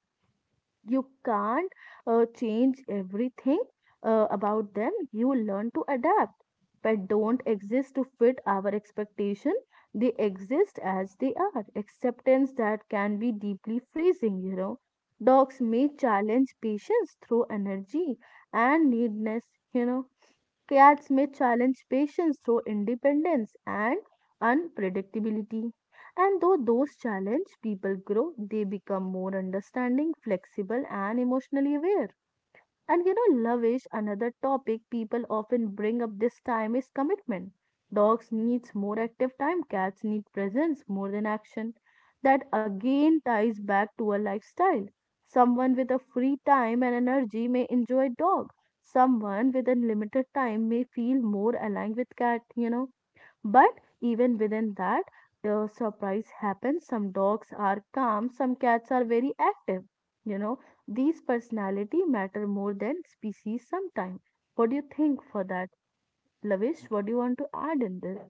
Speaker 1: You can't change everything about them. You learn to adapt. Pets don't exist to fit our expectation. They exist as they are. Acceptance that can be deeply freezing, you know. Dogs may challenge patience through energy and needness, you know. Cats may challenge patience through independence and unpredictability. And though those challenge people grow, they become more understanding, flexible, and emotionally aware. And you know, love is another topic people often bring up. This time is commitment. Dogs needs more active time, cats need presence more than action. That again ties back to a lifestyle. Someone with a free time and energy may enjoy dog. Someone with a limited time may feel more aligned with cat, you know. But even within that, a surprise happens. Some dogs are calm, some cats are very active. You know, these personality matter more than species sometimes. What do you think for that? Lavish, what do you want to add in this?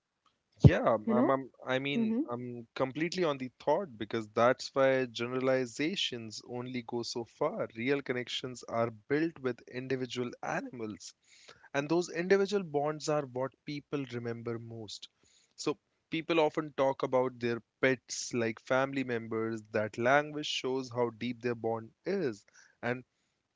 Speaker 2: Yeah,
Speaker 1: You know?
Speaker 2: I mean,
Speaker 1: Mm-hmm.
Speaker 2: I'm completely on the thought because that's why generalizations only go so far. Real connections are built with individual animals, and those individual bonds are what people remember most. So, people often talk about their pets like family members. That language shows how deep their bond is. And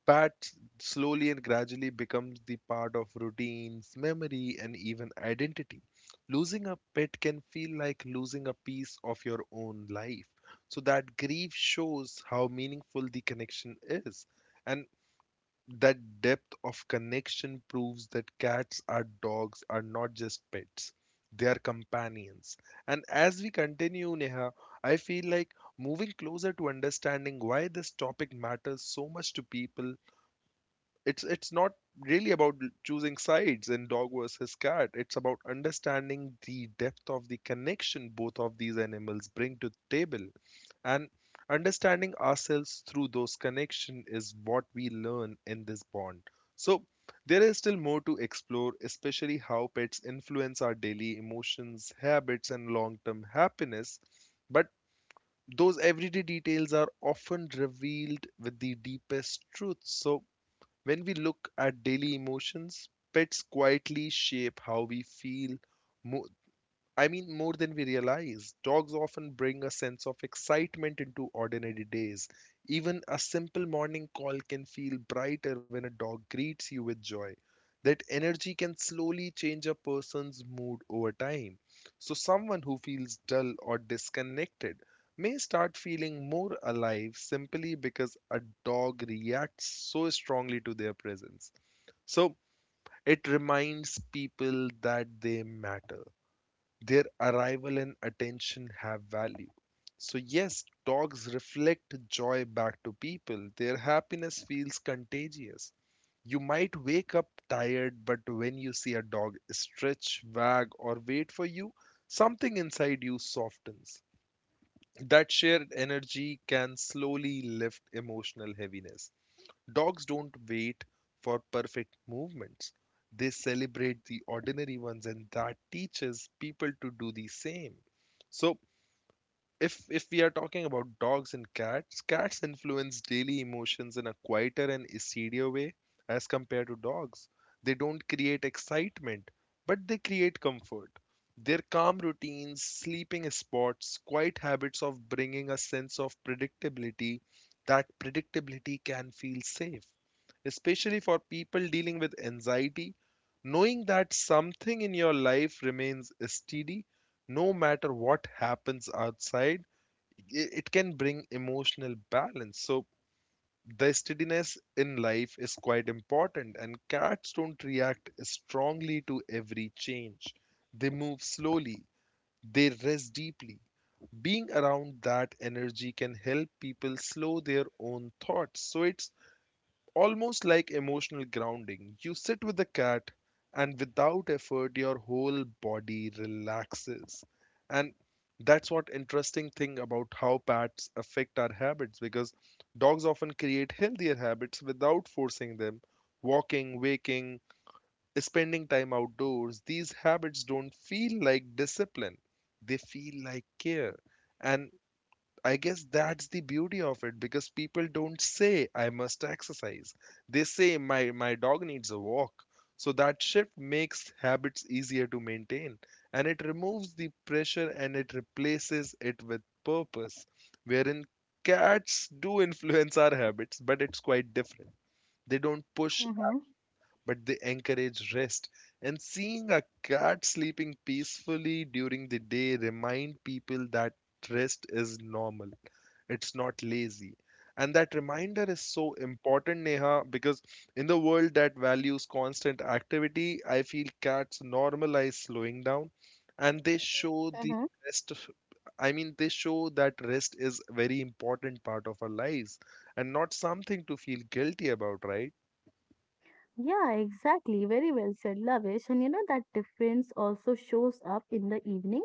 Speaker 2: pat slowly and gradually becomes the part of routines, memory, and even identity. Losing a pet can feel like losing a piece of your own life. So that grief shows how meaningful the connection is. And that depth of connection proves that cats or dogs are not just pets. They are companions. And as we continue, Neha, I feel like moving closer to understanding why this topic matters so much to people. It's not really about choosing sides in dog versus cat. It's about understanding the depth of the connection both of these animals bring to the table, and understanding ourselves through those connection is what we learn in this bond. So there is still more to explore, especially how pets influence our daily emotions, habits and long-term happiness. But those everyday details are often revealed with the deepest truth. So when we look at daily emotions, pets quietly shape how we feel, mo- more than we realize. Dogs often bring a sense of excitement into ordinary days. Even a simple morning call can feel brighter when a dog greets you with joy. That energy can slowly change a person's mood over time. So, someone who feels dull or disconnected may start feeling more alive simply because a dog reacts so strongly to their presence. So, it reminds people that they matter, their arrival and attention have value. So, yes, dogs reflect joy back to people. Their happiness feels contagious. You might wake up tired, but when you see a dog stretch, wag, or wait for you, something inside you softens. That shared energy can slowly lift emotional heaviness. Dogs don't wait for perfect movements. They celebrate the ordinary ones, and that teaches people to do the same. So if we are talking about dogs and cats, cats influence daily emotions in a quieter and easier way as compared to dogs. They don't create excitement, but they create comfort. Their calm routines, sleeping spots, quiet habits of bringing a sense of predictability, that predictability can feel safe, especially for people dealing with anxiety. Knowing that something in your life remains steady no matter what happens outside, it can bring emotional balance. So, the steadiness in life is quite important, and cats don't react strongly to every change. They move slowly, they rest deeply. Being around that energy can help people slow their own thoughts. So, it's almost like emotional grounding. You sit with the cat, and without effort, your whole body relaxes. And that's what interesting thing about how pets affect our habits, because dogs often create healthier habits without forcing them. Walking, waking, spending time outdoors, these habits don't feel like discipline, they feel like care. And I guess that's the beauty of it, because people don't say I must exercise. They say my dog needs a walk. So that shift makes habits easier to maintain, and it removes the pressure and it replaces it with purpose. Wherein cats do <laughs> influence our habits, but it's quite different. They don't push,
Speaker 1: Mm-hmm.
Speaker 2: but they encourage rest. And seeing a cat sleeping peacefully during the day remind people that rest is normal, it's not lazy. And that reminder is so important, Neha, because in the world that values constant activity, I feel cats normalize slowing down and they show the rest of, they show that rest is very important part of our lives and not something to feel guilty about, right?
Speaker 1: Yeah, exactly. Very well said, Lavish. And you know that difference also shows up in the evening.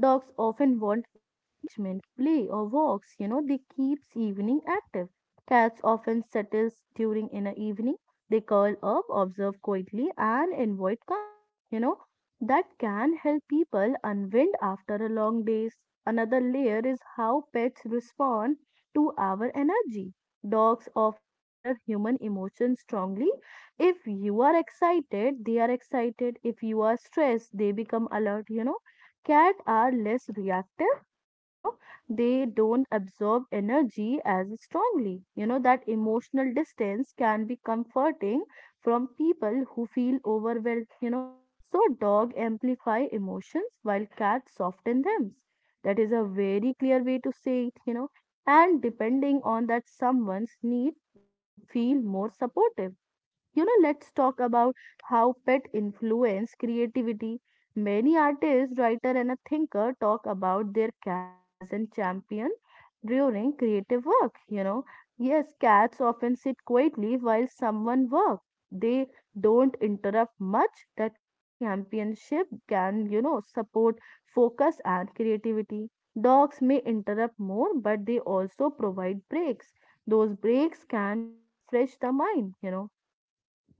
Speaker 1: Dogs often want engagement, play, or walks. You know, they keeps evening active. Cats often settles during inner evening. They curl up, observe quietly, and invite calm. You know, that can help people unwind after a long days. Another layer is how pets respond to our energy. Dogs often mirror human emotions strongly. If you are excited, they are excited. If you are stressed, they become alert, you know. Cats are less reactive, you know. They don't absorb energy as strongly. You know that emotional distance can be comforting from people who feel overwhelmed, you know. So dog amplify emotions while cats soften them. That is a very clear way to say it, you know. And depending on that, someone's need that feel more supportive, you know. Let's talk about how pet influence creativity. Many artists, writer, and a thinker talk about their cat as a champion during creative work, you know. Yes, cats often sit quietly while someone works. They don't interrupt much. That quiet championship can, you know, support focus and creativity. Dogs may interrupt more, but they also provide breaks. Those breaks can refresh the mind, you know.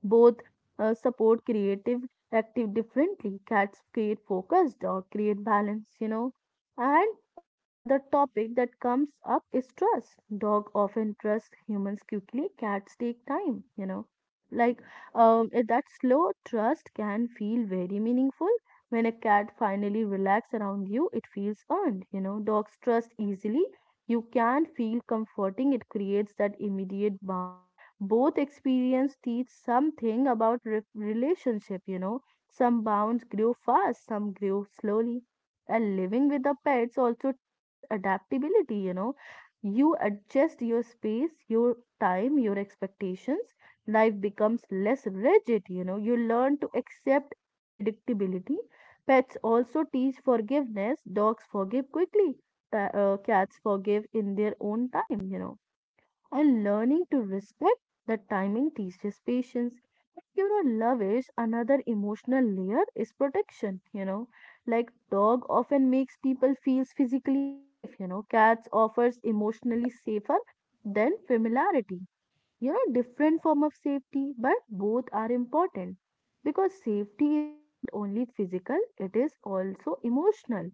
Speaker 1: Both support creative active differently. Cats create focus, dog create balance, you know. And another topic that comes up is trust. Dog often trust humans quickly, cats take time, you know. Like, that slow trust can feel very meaningful. When a cat finally relax around you, it feels earned, you know. Dogs trust easily. You can feel comforting. It creates that immediate bond. Both experience teach something about relationship, you know. Some bonds grew fast, some grew slowly. And living with the pets also teaches adaptability, you know. You adjust your space, your time, your expectations. Life becomes less rigid, you know. You learn to accept unpredictability. Pets also teach forgiveness. Dogs forgive quickly, cats forgive in their own time, you know. And learning to respect the timing teaches patience. You know, love is another emotional layer is protection, you know. Like, dog often makes people feels physically safe, you know. Cats offers emotionally safer than familiarity. You know, different form of safety, but both are important, because safety is not only physical, it is also emotional,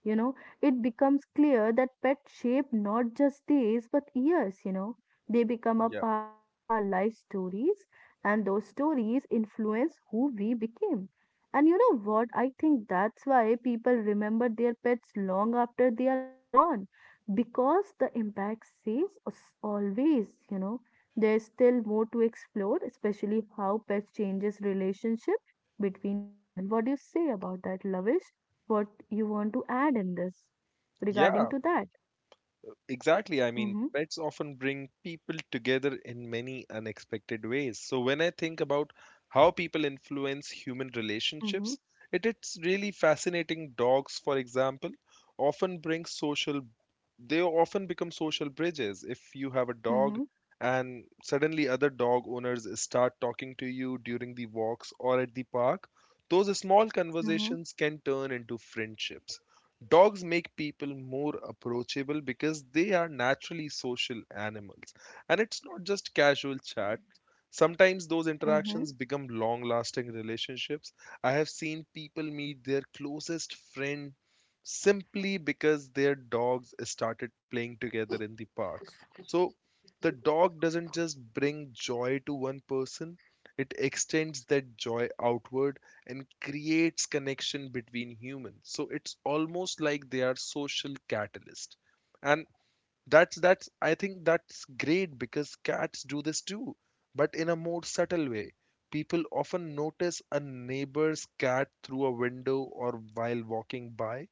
Speaker 1: you know. It becomes clear that pets shape not just days but years, you know. They become a
Speaker 2: Yeah.
Speaker 1: part of our life stories, and those stories influence who we became. And you know what I think? That's why people remember their pets long after they are gone, because the impact stays always, you know. There's still more to explore, especially how pets changes relationship between human. What do you say about that, Lavish? What you want to add in this regarding
Speaker 2: Yeah,
Speaker 1: to that?
Speaker 2: exactly. I mean,
Speaker 1: Mm-hmm.
Speaker 2: pets often bring people together in many unexpected ways. So when I think about how people influence human
Speaker 1: Mm-hmm.
Speaker 2: relationships, it is really fascinating. Dogs, for example, often bring social, they often become social bridges. If you have a dog
Speaker 1: Mm-hmm.
Speaker 2: and suddenly other dog owners start talking to you during the walks or at the park, those small
Speaker 1: Mm-hmm.
Speaker 2: conversations can turn into friendships. Dogs make people more approachable because they are naturally social animals. And it's not just casual chat. Sometimes those
Speaker 1: Mm-hmm.
Speaker 2: interactions become long lasting relationships. I have seen people meet their closest friend simply because their dogs started playing together in the park. So the dog doesn't just bring joy to one person, it extends that joy outward and creates connection between humans. So it's almost like they are social catalysts, and that's I think that's great, because cats do this too, but in a more subtle way. People often notice a neighbor's cat through a window or while walking by.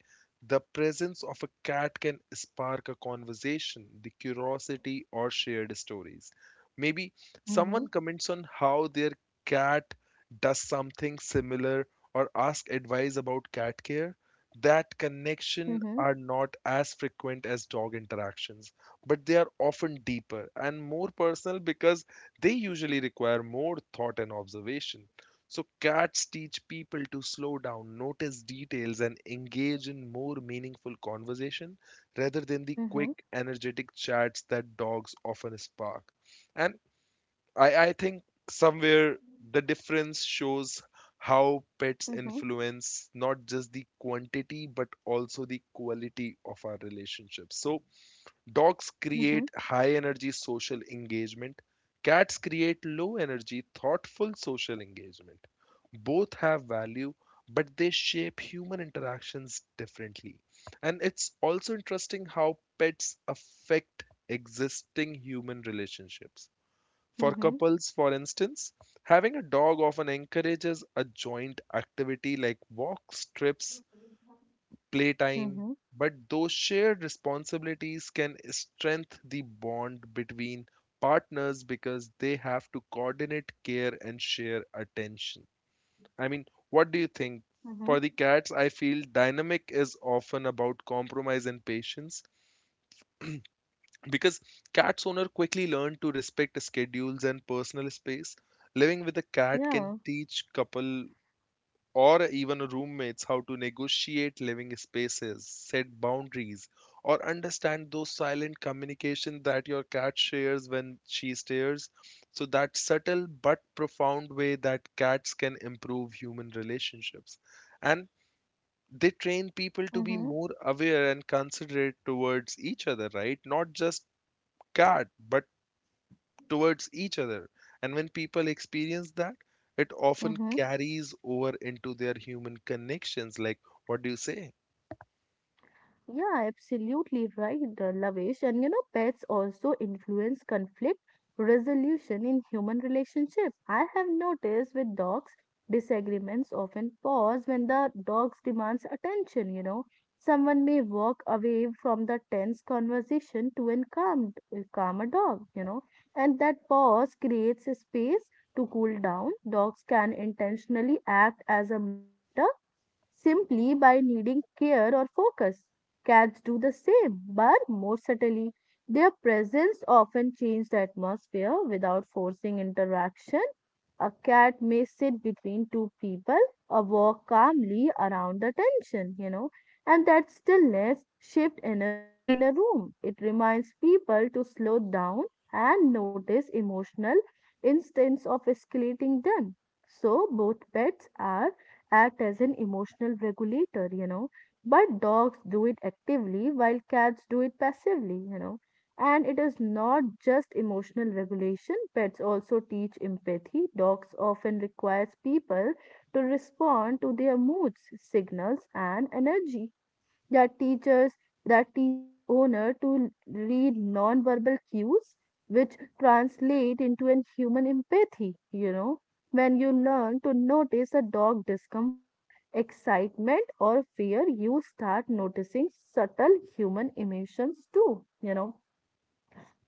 Speaker 2: The presence of a cat can spark a conversation, the curiosity or shared stories. Maybe
Speaker 1: Mm-hmm.
Speaker 2: someone comments on how their cat does something similar, or ask advice about cat care. That connection
Speaker 1: Mm-hmm.
Speaker 2: are not as frequent as dog interactions, but they are often deeper and more personal, because they usually require more thought and observation. So cats teach people to slow down, notice details and engage in more meaningful conversation rather than the
Speaker 1: Mm-hmm.
Speaker 2: quick energetic chats that dogs often spark. And I think somewhere the difference shows how pets
Speaker 1: Mm-hmm.
Speaker 2: influence not just the quantity but also the quality of our relationships. So, dogs
Speaker 1: Mm-hmm.
Speaker 2: create high energy social engagement, cats create low energy, thoughtful social engagement. Both have value, but they shape human interactions differently. And it's also interesting how pets affect existing human relationships. For
Speaker 1: Mm-hmm.
Speaker 2: couples, for instance, having a dog often encourages a joint activity like walks, trips, playtime,
Speaker 1: Mm-hmm.
Speaker 2: but those shared responsibilities can strengthen the bond between partners, because they have to coordinate care and share attention. I mean, what do you think?
Speaker 1: Mm-hmm.
Speaker 2: For the cats, I feel dynamic is often about compromise and patience. Because cat's owner quickly learned to respect schedules and personal space, living with a cat can
Speaker 1: Yeah.
Speaker 2: teach couple or even roommates how to negotiate living spaces, set boundaries, or understand those silent communication that your cat shares when she stares. So that subtle but profound way that cats can improve human relationships. And they train people to be
Speaker 1: Mm-hmm.
Speaker 2: more aware and considerate towards each other, right? Not just cat, but towards each other. And when people experience that, it often
Speaker 1: Mm-hmm.
Speaker 2: carries over into their human connections. Like, what do you say?
Speaker 1: Yeah, absolutely right, Lavesh. And you know, pets also influence conflict resolution in human relationships. I have noticed with dogs, disagreements often pause when the dogs demands attention, you know. Someone may walk away from the tense conversation to a calm, a calmer dog, you know, and that pause creates a space to cool down. Dogs can intentionally act as a mediator simply by needing care or focus. Cats do the same, but more subtly. Their presence often changes the atmosphere without forcing interaction. A cat may sit between two people or walk calmly around the tension, you know, and that stillness shifts energy in a room. It reminds people to slow down and notice emotional instance of escalating them. So both pets are act as an emotional regulator, you know. But dogs do it actively while cats do it passively, you know. And it is not just emotional regulation, pets also teach empathy. Dogs often requires people to respond to their moods, signals, and energy. That teachers that teaches owner to read non-verbal cues, which translate into an human empathy, you know. When you learn to notice a dog discomfort, excitement, or fear, you start noticing subtle human emotions too, you know.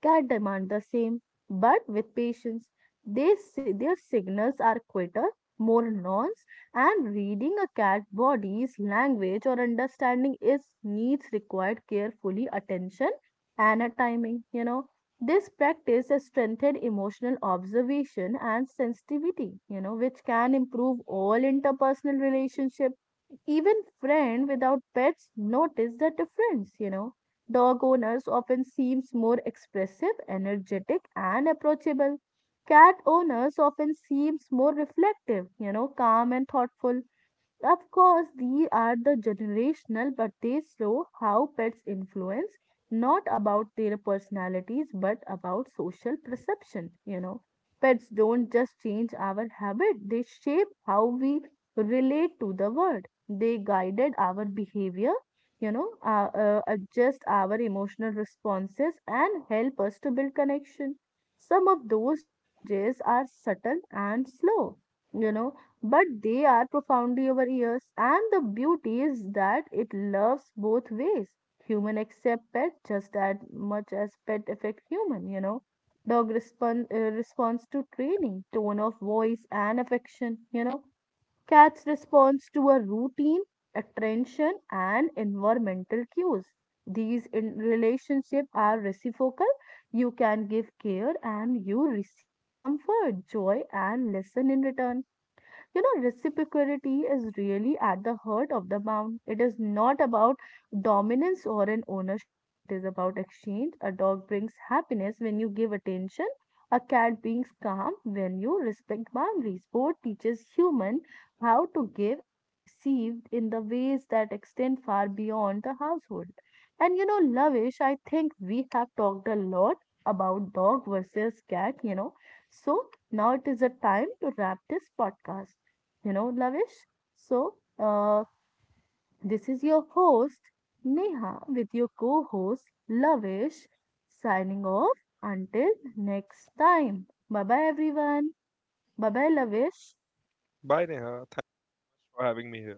Speaker 1: That demand the same, but with patience. They, their signals are quieter, more nuanced, and reading a cat body's language or understanding its needs required carefully attention and a timing. You know, this practice has strengthened emotional observation and sensitivity. You know, which can improve all interpersonal relationship. Even friends without pets notice the difference, you know. Dog owners often seems more expressive, energetic, and approachable. Cat owners often seems more reflective, you know, calm and thoughtful. Of course, these are the generational, but they show how pets influence not about their personalities but about social perception. You know, pets don't just change our habit, they shape how we relate to the world. They guided our behavior, you know, adjust our emotional responses and help us to build connection. Some of those changes are subtle and slow, you know, but they are profoundly our ears. And the beauty is that it loves both ways. Human accept pet just as much as pet affect human, you know. Dog responds to training, tone of voice, and affection, you know. Cats responds to a routine, attention, and environmental cues. These in relationship are reciprocal. You can give care and you receive comfort, joy, and lesson in return. You know, reciprocity is really at the heart of the bound. It is not about dominance or an ownership, it is about exchange. A dog brings happiness when you give attention, a cat brings calm when you respect boundaries. Both teaches human how to give and receive in the ways that extend far beyond the household. And you know, Lavish, I think we have talked a lot about dog versus cat, you know. So now it is a time to wrap this podcast, you know, Lavish. So, this is your host, Neha, with your co host, Lavish, signing off until next time. Bye bye, everyone. Bye bye, Lavish.
Speaker 2: Bye, Neha. Thanks for having me here.